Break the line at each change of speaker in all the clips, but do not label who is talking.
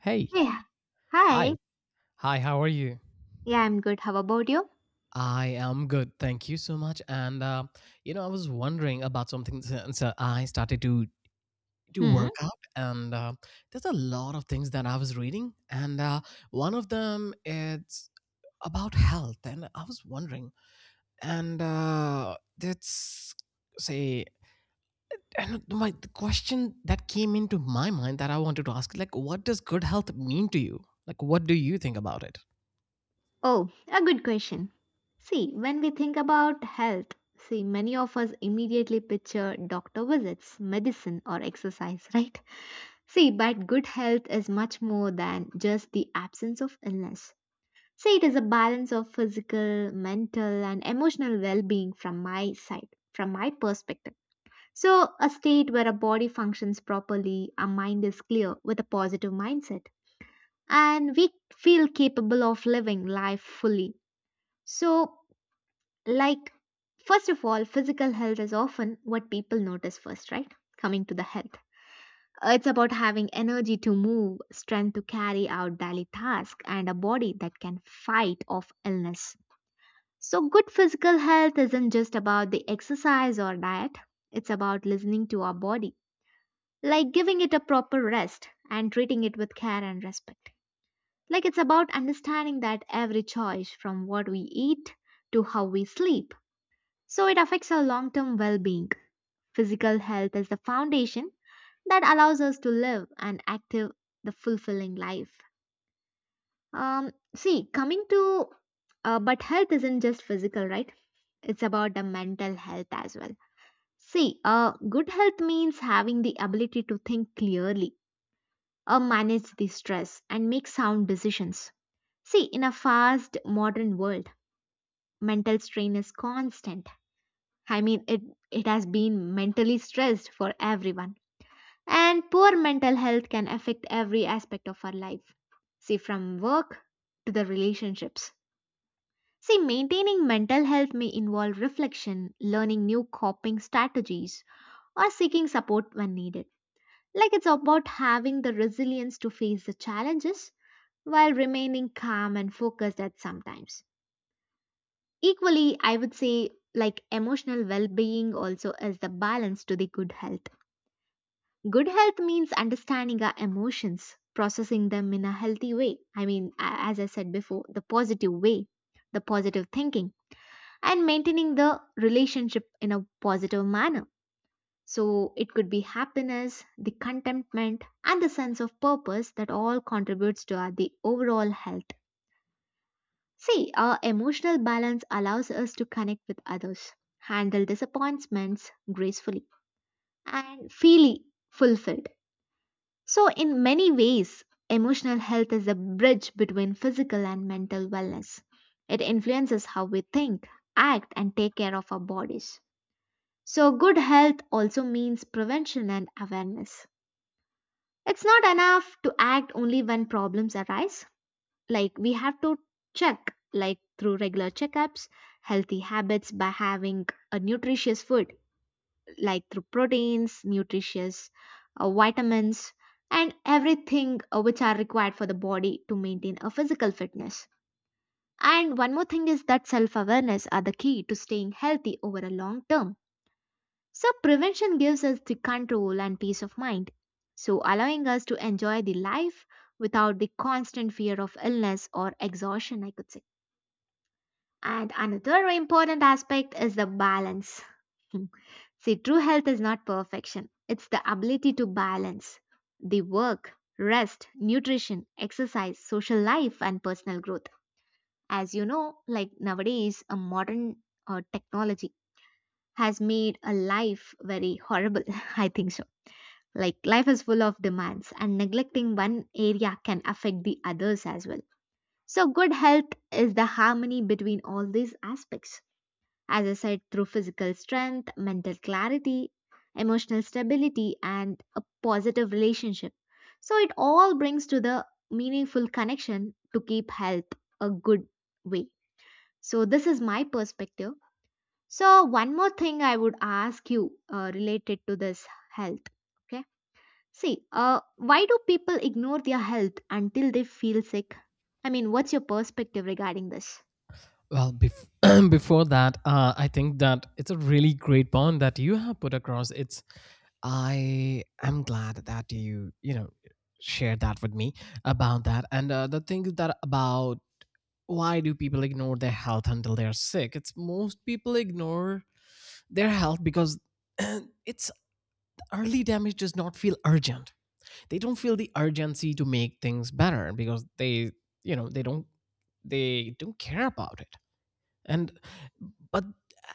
Hey,
Hey,
hi.
hi.
Hi, how are you?
Yeah, I'm good. How about you?
I am good. Thank you so much. You know, I was wondering about something since I started to
Hmm.
work out and there's a lot of things that I was reading and one of them is about health and I was wondering and that's say and my the question that came into my mind that I wanted to ask, like, what does good health mean to you? Like, what do you think about it?
Oh, a good question. See, when we think about health, see, many of us immediately picture doctor visits, medicine, or exercise, right? See, but good health is much more than just the absence of illness. See, it is a balance of physical, mental, and emotional well being from my side, from my perspective. So, a state where a body functions properly, a mind is clear with a positive mindset and we feel capable of living life fully. So, like, first of all, physical health is often what people notice first, right? Coming to the health. It's about having energy to move, strength to carry out daily tasks, and a body that can fight off illness. So, good physical health isn't just about the exercise or diet, it's about listening to our body, like giving it a proper rest and treating it with care and respect. Like it's about understanding that every choice from what we eat to how we sleep. So it affects our long term well being. Physical health is the foundation that allows us to live an active, the fulfilling life. See, coming to, but health isn't just physical, right? It's about the mental health as well. See, good health means having the ability to think clearly or manage the stress and make sound decisions. See, in a fast modern world, mental strain is constant. I mean, it has been mentally stressed for everyone. And poor mental health can affect every aspect of our life. See, from work to the relationships. See, maintaining mental health may involve reflection, learning new coping strategies, or seeking support when needed. Like it's about having the resilience to face the challenges while remaining calm and focused at sometimes. Equally, I would say like emotional well-being also is the balance to the good health. Good health means understanding our emotions, processing them in a healthy way. I mean, as I said before, the positive way, the positive thinking, and maintaining the relationship in a positive manner. So it could be happiness, the contentment, and the sense of purpose that all contributes to our, the overall health. See, our emotional balance allows us to connect with others, handle disappointments gracefully, and feel fulfilled. So, in many ways, emotional health is a bridge between physical and mental wellness. It influences how we think, act, and take care of our bodies. So, good health also means prevention and awareness. It's not enough to act only when problems arise, like we have to check like through regular checkups, healthy habits by having a nutritious food like through proteins, nutritious vitamins, and everything which are required for the body to maintain a physical fitness. And one more thing is that self awareness are the key to staying healthy over a long term. So prevention gives us the control and peace of mind, so allowing us to enjoy the life without the constant fear of illness or exhaustion, I could say. And another important aspect is the balance. Hmm. See, true health is not perfection, it's the ability to balance the work, rest, nutrition, exercise, social life, and personal growth. As you know, like nowadays, a modern technology has made a life very horrible. I think so. Like, life is full of demands, and neglecting one area can affect the others as well. So, good health is the harmony between all these aspects, as I said, through physical strength, mental clarity, emotional stability, and a positive relationship. So it all brings to the meaningful connection to keep health a good way. So this is my perspective. So one more thing I would ask you related to this health. Okay. See, why do people ignore their health until they feel sick? I mean, what's your perspective regarding this?
Well, before that, I think that it's a really great point that you have put across. It's I am glad that you know shared that with me about that. And the thing is that about why do people ignore their health until they're sick? It's most people ignore their health because it's early damage does not feel urgent. They don't feel the urgency to make things better because they you know they don't care about it and but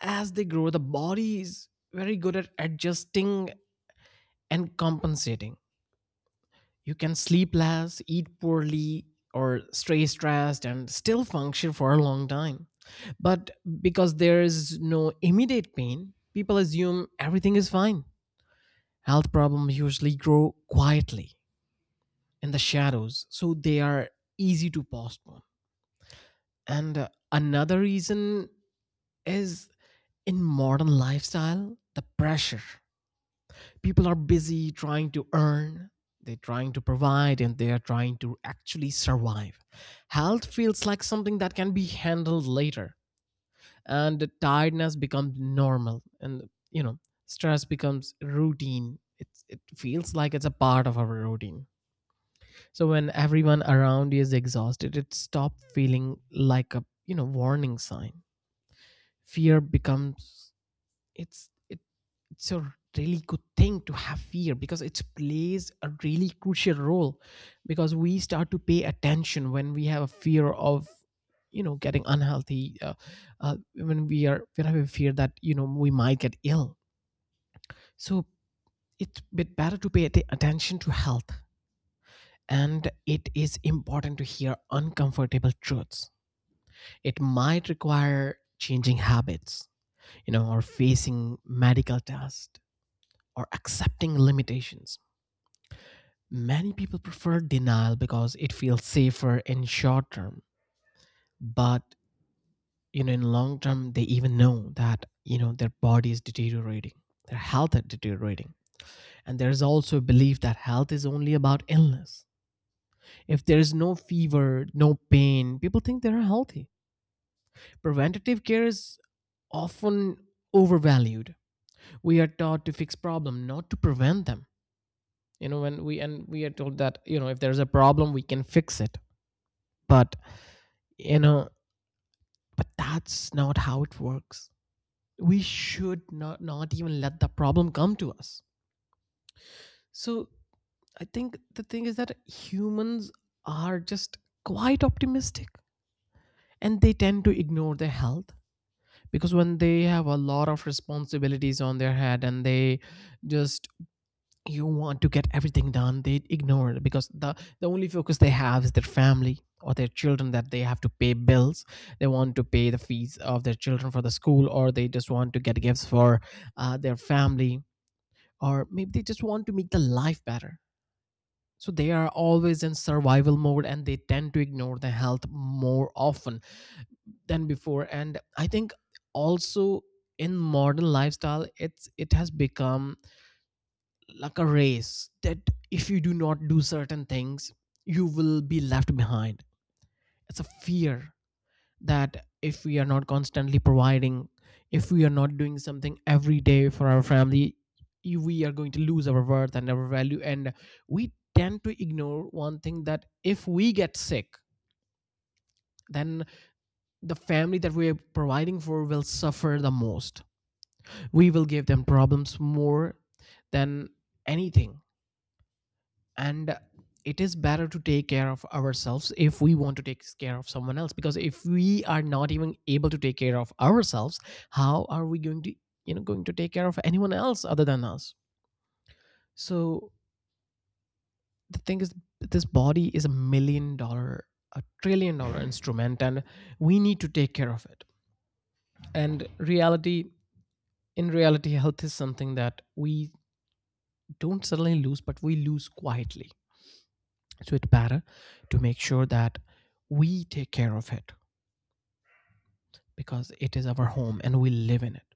as they grow, the body is very good at adjusting and compensating. You can sleep less, eat poorly, or stay stressed and still function for a long time, but because there is no immediate pain, people assume everything is fine. Health problems usually grow quietly in the shadows, so they are easy to postpone. And another reason is, in modern lifestyle, the pressure, people are busy trying to earn, they're trying to provide, and they are trying to actually survive. Health feels like something that can be handled later, and tiredness becomes normal, and you know stress becomes routine. It feels like it's a part of our routine. So when everyone around you is exhausted, it stops feeling like a, you know, warning sign. Fear becomes, it's it, it's a really good thing to have fear because it plays a really crucial role, because we start to pay attention when we have a fear of, you know, getting unhealthy, when we are when we have a fear that, you know, we might get ill. So it's bit better to attention to health, and it is important to hear uncomfortable truths. It might require changing habits, you know, or facing medical tests or accepting limitations. Many people prefer denial because it feels safer in short term, but you know in long term they even know that you know their body is deteriorating, their health is deteriorating, and there is also a belief that health is only about illness. If there is no fever, no pain, people think they are healthy. Preventative care is often overvalued. We are taught to fix problem, not to prevent them. You know, when we, and we are told that, you know, if there's a problem we can fix it, but you know, but that's not how it works. We should not even let the problem come to us. So I think the thing is that humans are just quite optimistic and they tend to ignore their health because when they have a lot of responsibilities on their head and they just, you want to get everything done, they ignore it because the only focus they have is their family or their children, that they have to pay bills, they want to pay the fees of their children for the school, or they just want to get gifts for their family, or maybe they just want to make the life better. So they are always in survival mode and they tend to ignore the health more often than before. And I think also in modern lifestyle it's, it has become like a race, that if you do not do certain things, you will be left behind. It's a fear that if we are not constantly providing, if we are not doing something every day for our family, we are going to lose our worth and our value. And we tend to ignore one thing, that if we get sick, then the family that we are providing for will suffer the most. We will give them problems more than anything. And it is better to take care of ourselves if we want to take care of someone else, because if we are not even able to take care of ourselves, how are we going to, you know, going to take care of anyone else other than us? So the thing is, this body is a million dollar, a trillion dollar instrument, and we need to take care of it. And reality, in reality, health is something that we don't suddenly lose, but we lose quietly. So it's better to make sure that we take care of it, because it is our home and we live in it.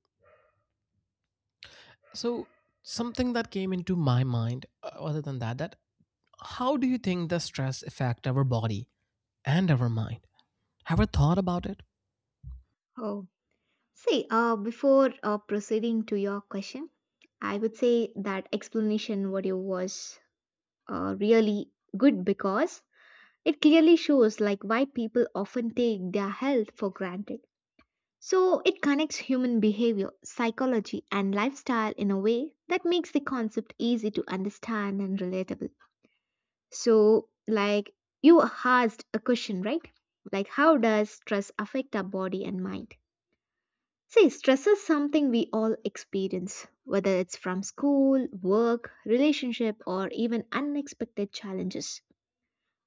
So something that came into my mind other than that, how do you think the stress affect our body and our mind? Have you thought about it?
Oh, see, before proceeding to your question, I would say that explanation video was really good because it clearly shows like why people often take their health for granted. So it connects human behavior, psychology, and lifestyle in a way that makes the concept easy to understand and relatable. So like you asked a question, right? Like how does stress affect our body and mind? See, stress is something we all experience, whether it's from school, work, relationship, or even unexpected challenges.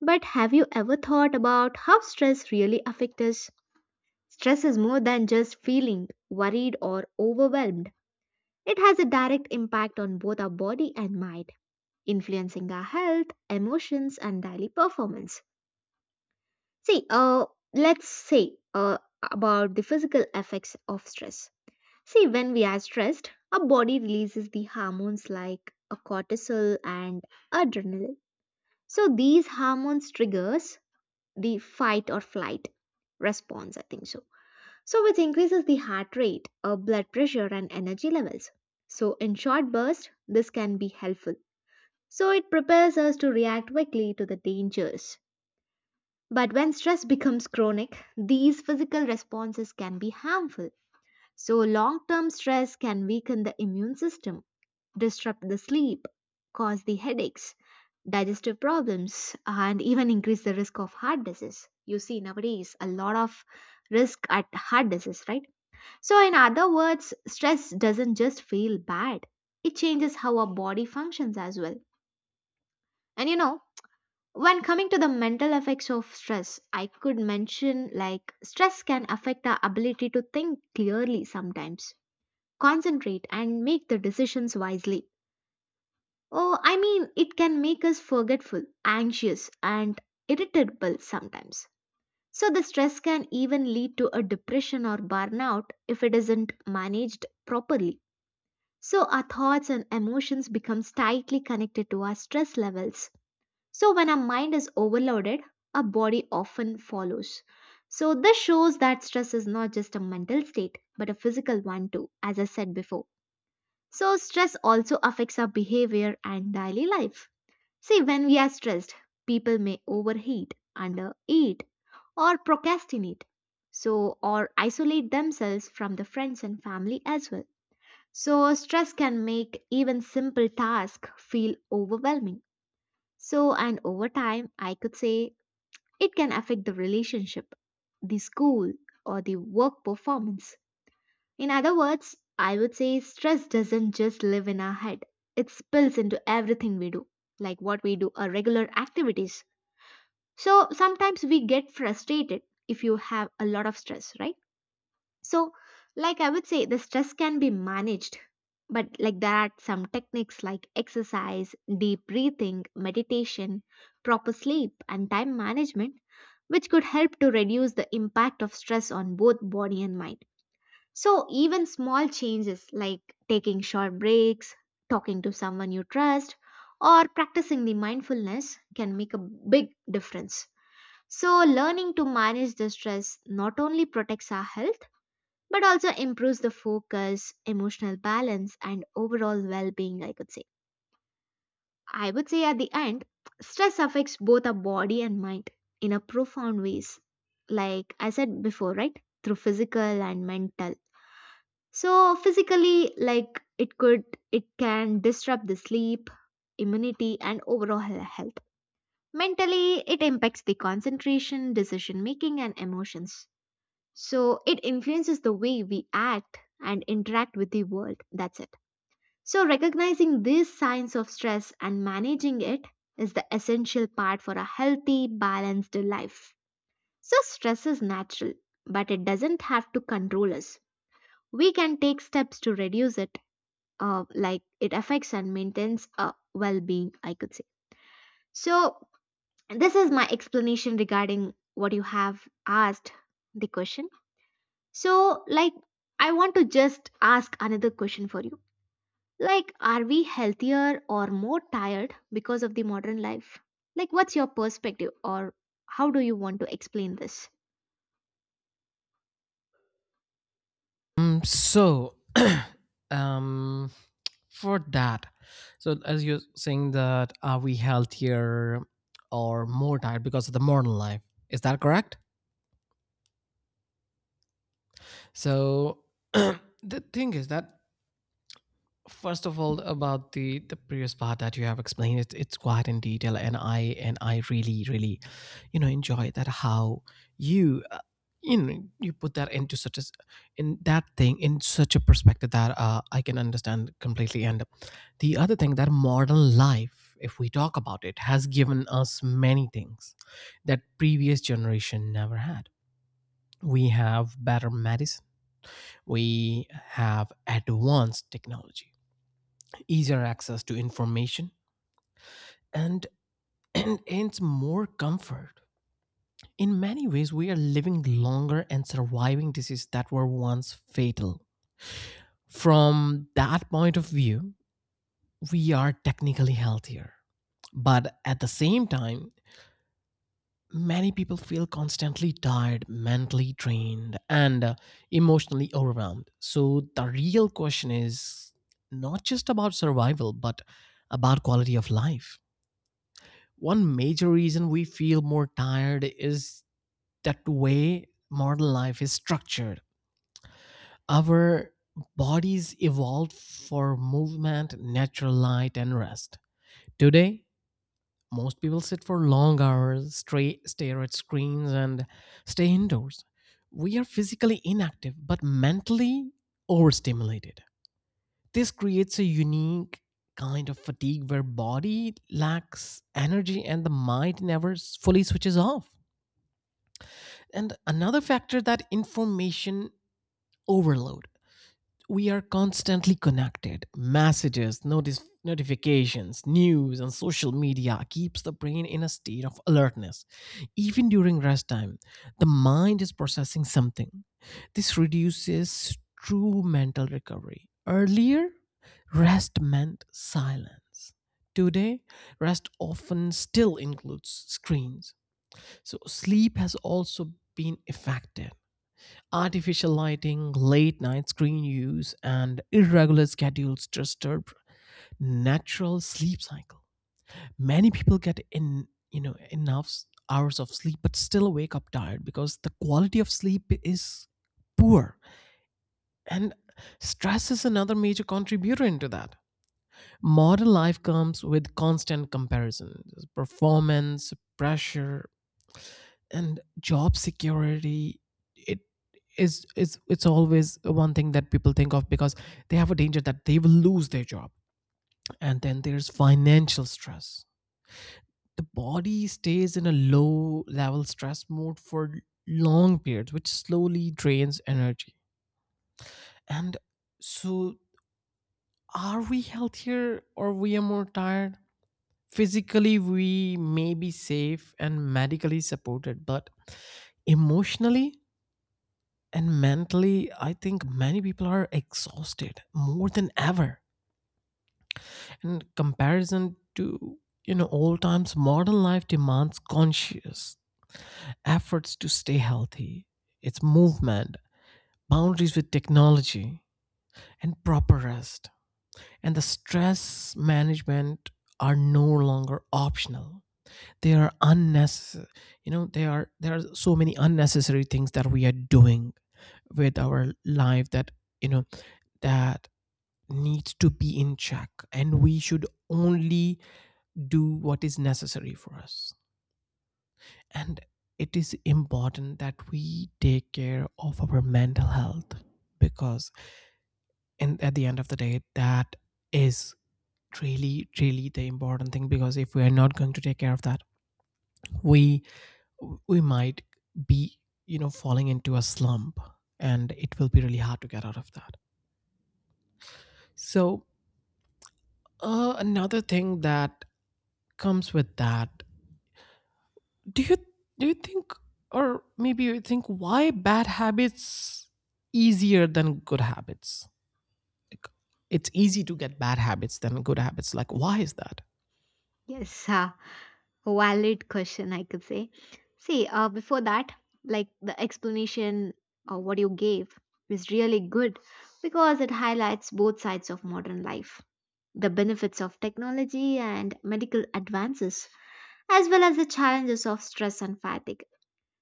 But have you ever thought about how stress really affects us? Stress is more than just feeling worried or overwhelmed. It has a direct impact on both our body and mind, influencing our health, emotions, and daily performance. See, let's say about the physical effects of stress. See, when we are stressed, our body releases the hormones like a cortisol and adrenaline. So these hormones triggers the fight or flight response, I think so. So which increases the heart rate, blood pressure, and energy levels. So in short bursts, this can be helpful. So it prepares us to react quickly to the dangers. But when stress becomes chronic, these physical responses can be harmful. So, long term stress can weaken the immune system, disrupt the sleep, cause the headaches, digestive problems, and even increase the risk of heart disease. You see, nowadays, a lot of risk at heart disease, right? So, in other words, stress doesn't just feel bad, it changes how our body functions as well. And you know, when coming to the mental effects of stress, I could mention like stress can affect our ability to think clearly sometimes, concentrate, and make the decisions wisely. Oh, I mean, it can make us forgetful, anxious, and irritable sometimes. So, the stress can even lead to a depression or burnout if it isn't managed properly. So, our thoughts and emotions becomes tightly connected to our stress levels. So, when our mind is overloaded, our body often follows. So, this shows that stress is not just a mental state but a physical one too, as I said before. So, stress also affects our behavior and daily life. See, when we are stressed, people may overheat, undereat, or procrastinate, so, or isolate themselves from the friends and family as well. So, stress can make even simple tasks feel overwhelming. So, and over time, I could say it can affect the relationship, the school, or the work performance. In other words, I would say stress doesn't just live in our head, it spills into everything we do, like what we do or regular activities. So sometimes we get frustrated if you have a lot of stress, right? So, like I would say, the stress can be managed, but like there are some techniques like exercise, deep breathing, meditation, proper sleep, and time management, which could help to reduce the impact of stress on both body and mind. So, even small changes like taking short breaks, talking to someone you trust, or practicing the mindfulness can make a big difference. So, learning to manage the stress not only protects our health but also improves the focus, emotional balance, and overall well being, I could say. I would say at the end, stress affects both our body and mind in a profound ways. Like I said before, right? Through physical and mental. So physically, it can disrupt the sleep, immunity, and overall health. Mentally, it impacts the concentration, decision making, and emotions. So it influences the way we act and interact with the world. That's it. So recognizing these signs of stress and managing it is the essential part for a healthy, balanced life. So stress is natural, but it doesn't have to control us. We can take steps to reduce it like it affects and maintains well-being, I could say. So this is my explanation regarding what you have asked the question. So, like, I want to just ask another question for you. Like, are we healthier or more tired because of the modern life? Like, what's your perspective, or how do you want to explain this?
Um. so, um, for that, so as you're saying that, are we healthier or more tired because of the modern life? Is that correct? So, the thing is that, first of all, about the previous part that you have explained, it's quite in detail, and I really really, you know, enjoy that, how you you know you put that into such as in that thing in such a perspective that I can understand completely. And the other thing, that modern life, if we talk about, it has given us many things that previous generation never had. We have better medicine, we have advanced technology, easier access to information, and, and hence more comfort. In many ways, we are living longer and surviving diseases that were once fatal. From that point of view, we are technically healthier. But at the same time, many people feel constantly tired, mentally drained, and emotionally overwhelmed. So the real question is not just about survival, but about quality of life. One major reason we feel more tired is that the way modern life is structured. Our bodies evolved for movement, natural light, and rest. Today, most people sit for long hours, stare at screens, and stay indoors. We are physically inactive but mentally overstimulated. This creates a unique kind of fatigue where body lacks energy and the mind never fully switches off. And another factor, that information overload. We are constantly connected. Messages, notifications, news, and social media keeps the brain in a state of alertness. Even during rest time, the mind is processing something. This reduces true mental recovery. Earlier, rest meant silence. Today, rest often still includes screens. So sleep has also been affected. Artificial lighting, late night screen use, and irregular schedules disturb natural sleep cycle. Many people get in, you know, enough hours of sleep but still wake up tired because the quality of sleep is poor. And stress is another major contributor into that. Modern life comes with constant comparisons, performance, pressure, and job security. It is is it's always one thing that people think of, because they have a danger that they will lose their job, and then there's financial stress. The body stays in a low level stress mode for long periods, which slowly drains energy. And so, are we healthier or we are more tired? Physically we may be safe and medically supported, but emotionally and mentally, I think many people are exhausted more than ever. And comparison to, you know, old times, modern life demands conscious efforts to stay healthy. It's movement, boundaries with technology, and proper rest. And the stress management are no longer optional. They are unnecessary. You know, they are, there are so many unnecessary things that we are doing with our life, that you know, that needs to be in check, and we should only do what is necessary for us. And it is important that we take care of our mental health, because, and at the end of the day, that is really really the important thing, because if we are not going to take care of that, we we might be, you know, falling into a slump, and it will be really hard to get out of that. So another thing that comes with that, do you do you think, or maybe you think, why bad habits easier than good habits? Like, it's easy to get bad habits than good habits, like why is that?
Yes, valid question, I could say. See, before that, like the explanation or what you gave is really good because it highlights both sides of modern life, the benefits of technology and medical advances, as well as the challenges of stress and fatigue.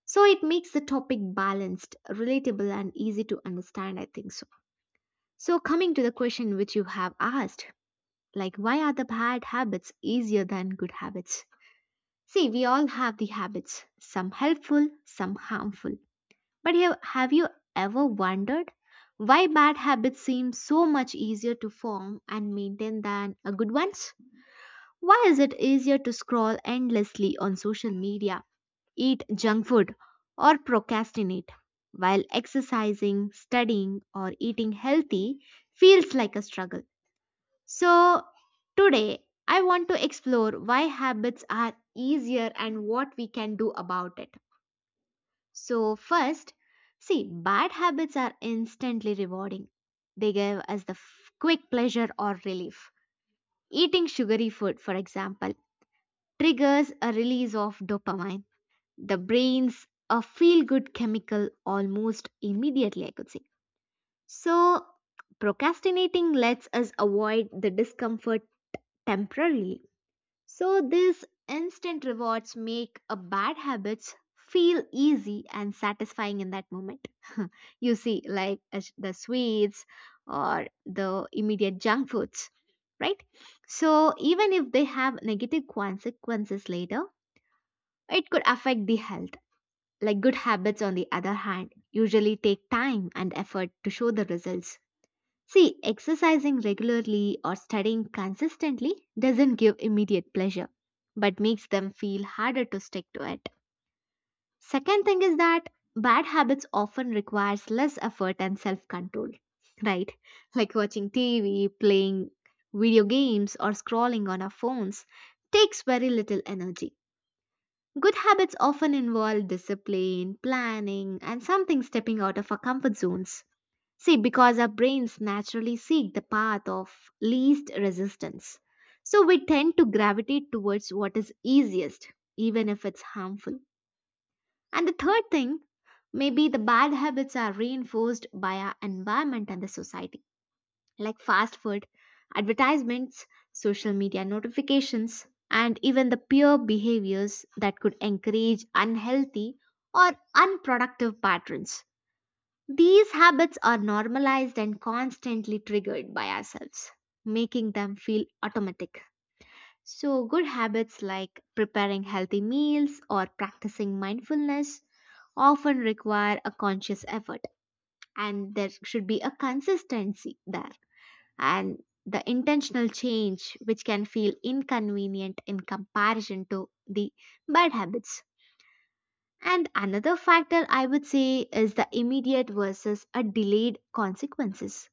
So, it makes the topic balanced, relatable, and easy to understand, I think so. So, coming to the question which you have asked, like why are the bad habits easier than good habits? See, we all have the habits, some helpful, some harmful. But have you ever wondered why bad habits seem so much easier to form and maintain than a good ones? Why is it easier to scroll endlessly on social media, eat junk food, or procrastinate, while exercising, studying, or eating healthy feels like a struggle? So, today I want to explore why habits are easier and what we can do about it. So, first, see, bad habits are instantly rewarding. They give us quick pleasure or relief. Eating sugary food, for example, triggers a release of dopamine, the brain's a feel good chemical almost immediately, I could say. So, procrastinating lets us avoid the discomfort temporarily. So these instant rewards make a bad habits feel easy and satisfying in that moment. You see, the sweets or the immediate junk foods, right? So even if they have negative consequences later, it could affect the health. Like good habits, on the other hand, usually take time and effort to show the results. See, exercising regularly or studying consistently doesn't give immediate pleasure, but makes them feel harder to stick to it. Second thing is that bad habits often requires less effort and self-control, right? Like watching TV, playing video games or scrolling on our phones takes very little energy. Good habits often involve discipline, planning, and something stepping out of our comfort zones. See, because our brains naturally seek the path of least resistance. So we tend to gravitate towards what is easiest, even if it's harmful. And the third thing, maybe the bad habits are reinforced by our environment and the society, like fast food, advertisements, social media notifications, and even the peer behaviors that could encourage unhealthy or unproductive patterns. These habits are normalized and constantly triggered by ourselves, making them feel automatic. So, good habits like preparing healthy meals or practicing mindfulness often require a conscious effort, and there should be a consistency there. And the intentional change, which can feel inconvenient in comparison to the bad habits. And another factor I would say is the immediate versus a delayed consequences.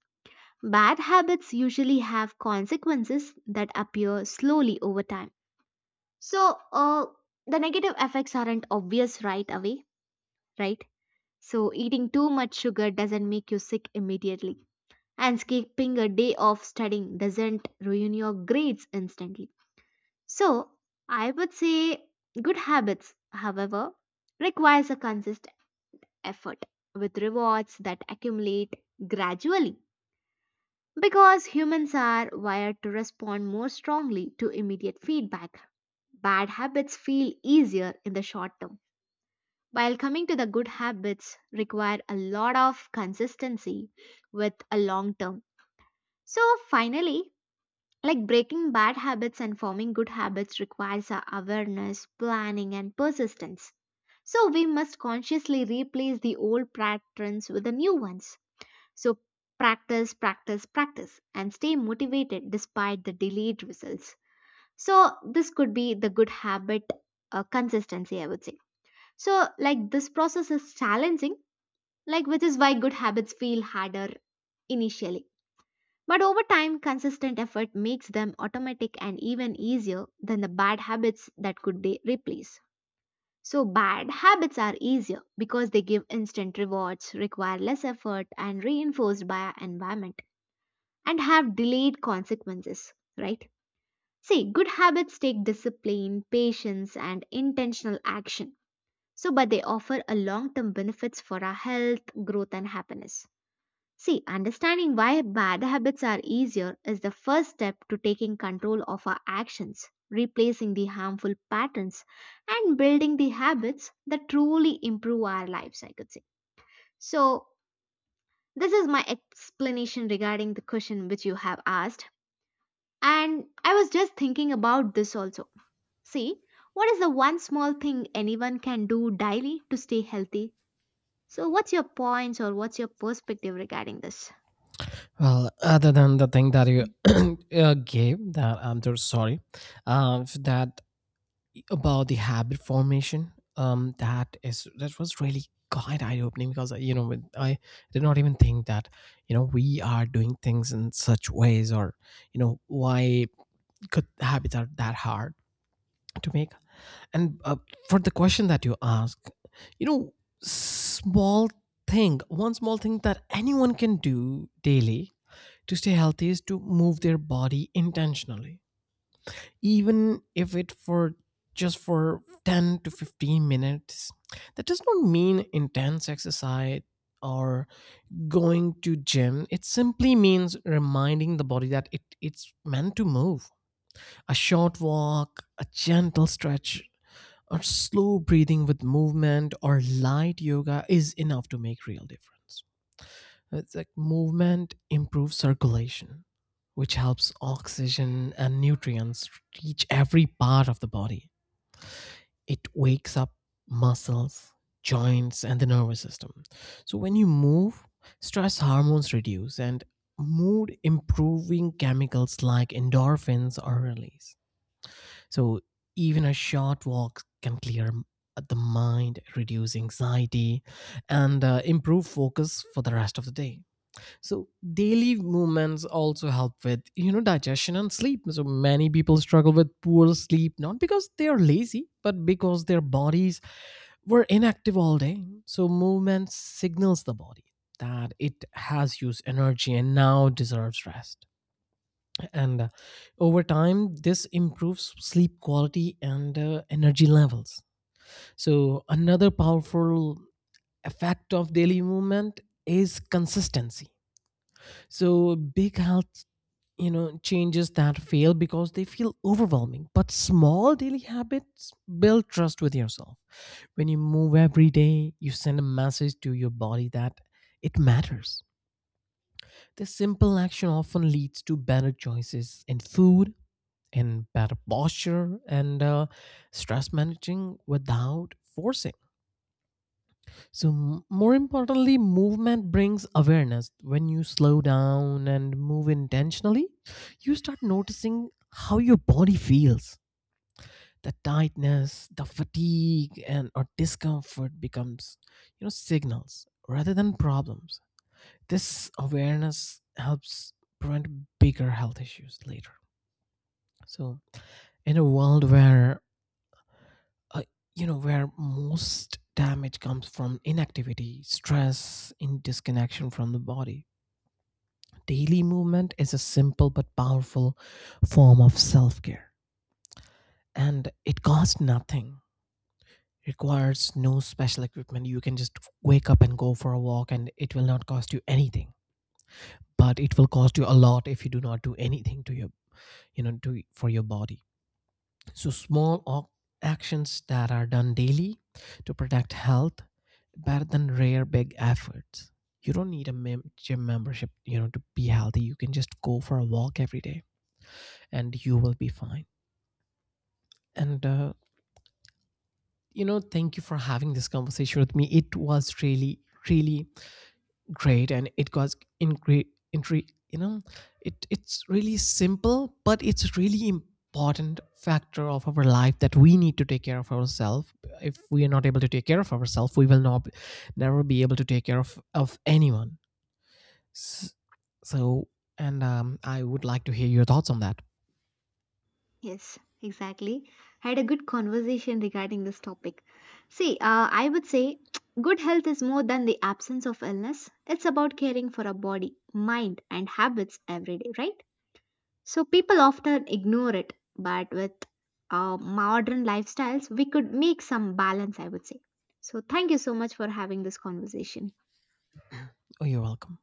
Bad habits usually have consequences that appear slowly over time. So, the negative effects aren't obvious right away, right? So, eating too much sugar doesn't make you sick immediately, and skipping a day of studying doesn't ruin your grades instantly. So, I would say good habits, however, requires a consistent effort with rewards that accumulate gradually. Because humans are wired to respond more strongly to immediate feedback, bad habits feel easier in the short term. While coming to the good habits require a lot of consistency with a long term. So finally, like breaking bad habits and forming good habits requires our awareness, planning and persistence. So we must consciously replace the old patterns with the new ones. So practice, practice, practice, and stay motivated despite the delayed results. So, this could be the good habit consistency, I would say. So, like this process is challenging, like which is why good habits feel harder initially. But over time, consistent effort makes them automatic and even easier than the bad habits that could they replace. So, bad habits are easier because they give instant rewards, require less effort, and reinforced by our environment, and have delayed consequences, right? See, good habits take discipline, patience, and intentional action. So, but they offer a long term benefits for our health, growth, and happiness. See, understanding why bad habits are easier is the first step to taking control of our actions, replacing the harmful patterns, and building the habits that truly improve our lives, I could say. So, this is my explanation regarding the question which you have asked. And I was just thinking about this also. See, what is the one small thing anyone can do daily to stay healthy? So, what's your points or what's your perspective regarding this?
Well, other than the thing that you gave, that I'm so sorry, for that about the habit formation, that is, that was really quite eye opening because you know, I did not even think that you know we are doing things in such ways, or you know why good habits are that hard to make. And for the question that you ask, you know, small one small thing that anyone can do daily to stay healthy is to move their body intentionally, even if it for just for 10 to 15 minutes. That does not mean intense exercise or going to gym. It simply means reminding the body that it's meant to move. A short walk, a gentle stretch, or slow breathing with movement or light yoga is enough to make real difference. It's like movement improves circulation, which helps oxygen and nutrients reach every part of the body. It wakes up muscles, joints, and the nervous system. So when you move, stress hormones reduce, and mood improving chemicals like endorphins are released. So even a short walk can clear the mind, reduce anxiety, and improve focus for the rest of the day. So daily movements also help with, you know, digestion and sleep. So many people struggle with poor sleep, not because they are lazy but because their bodies were inactive all day. So movement signals the body that it has used energy and now deserves rest. And over time this improves sleep quality and energy levels. So another powerful effect of daily movement is consistency. So big health, you know, changes that fail because they feel overwhelming, but small daily habits build trust with yourself. When you move every day, you send a message to your body that it matters. This simple action often leads to better choices in food, and better posture, and stress managing without forcing. So, more importantly, movement brings awareness. When you slow down and move intentionally, you start noticing how your body feels. The tightness, the fatigue, and or discomfort becomes, you know, signals rather than problems. This awareness helps prevent bigger health issues later. So, in a world where, uh, you know, where most damage comes from inactivity, stress, and disconnection from the body, daily movement is a simple but powerful form of self care, and it costs nothing, requires no special equipment. You can just wake up and go for a walk, and it will not cost you anything. But it will cost you a lot if you do not do anything to your, you know, to for your body. So actions that are done daily to protect health, better than rare big efforts. You don't need a gym membership, you know, to be healthy. You can just go for a walk every day and you will be fine. And, you know, thank you for having this conversation with me. It was really, really great. And it was in great, you know, it's really simple, but it's really important factor of our life, that we need to take care of ourselves. If we are not able to take care of ourselves, we will not never be able to take care of anyone. So, and I would like to hear your thoughts on that.
Yes, exactly. I had a good conversation regarding this topic. See, I would say good health is more than the absence of illness. It's about caring for our body, mind, and habits every day, right? So people often ignore it, but with modern lifestyles, we could make some balance, I would say. So thank you so much for having this conversation.
Oh, you're welcome.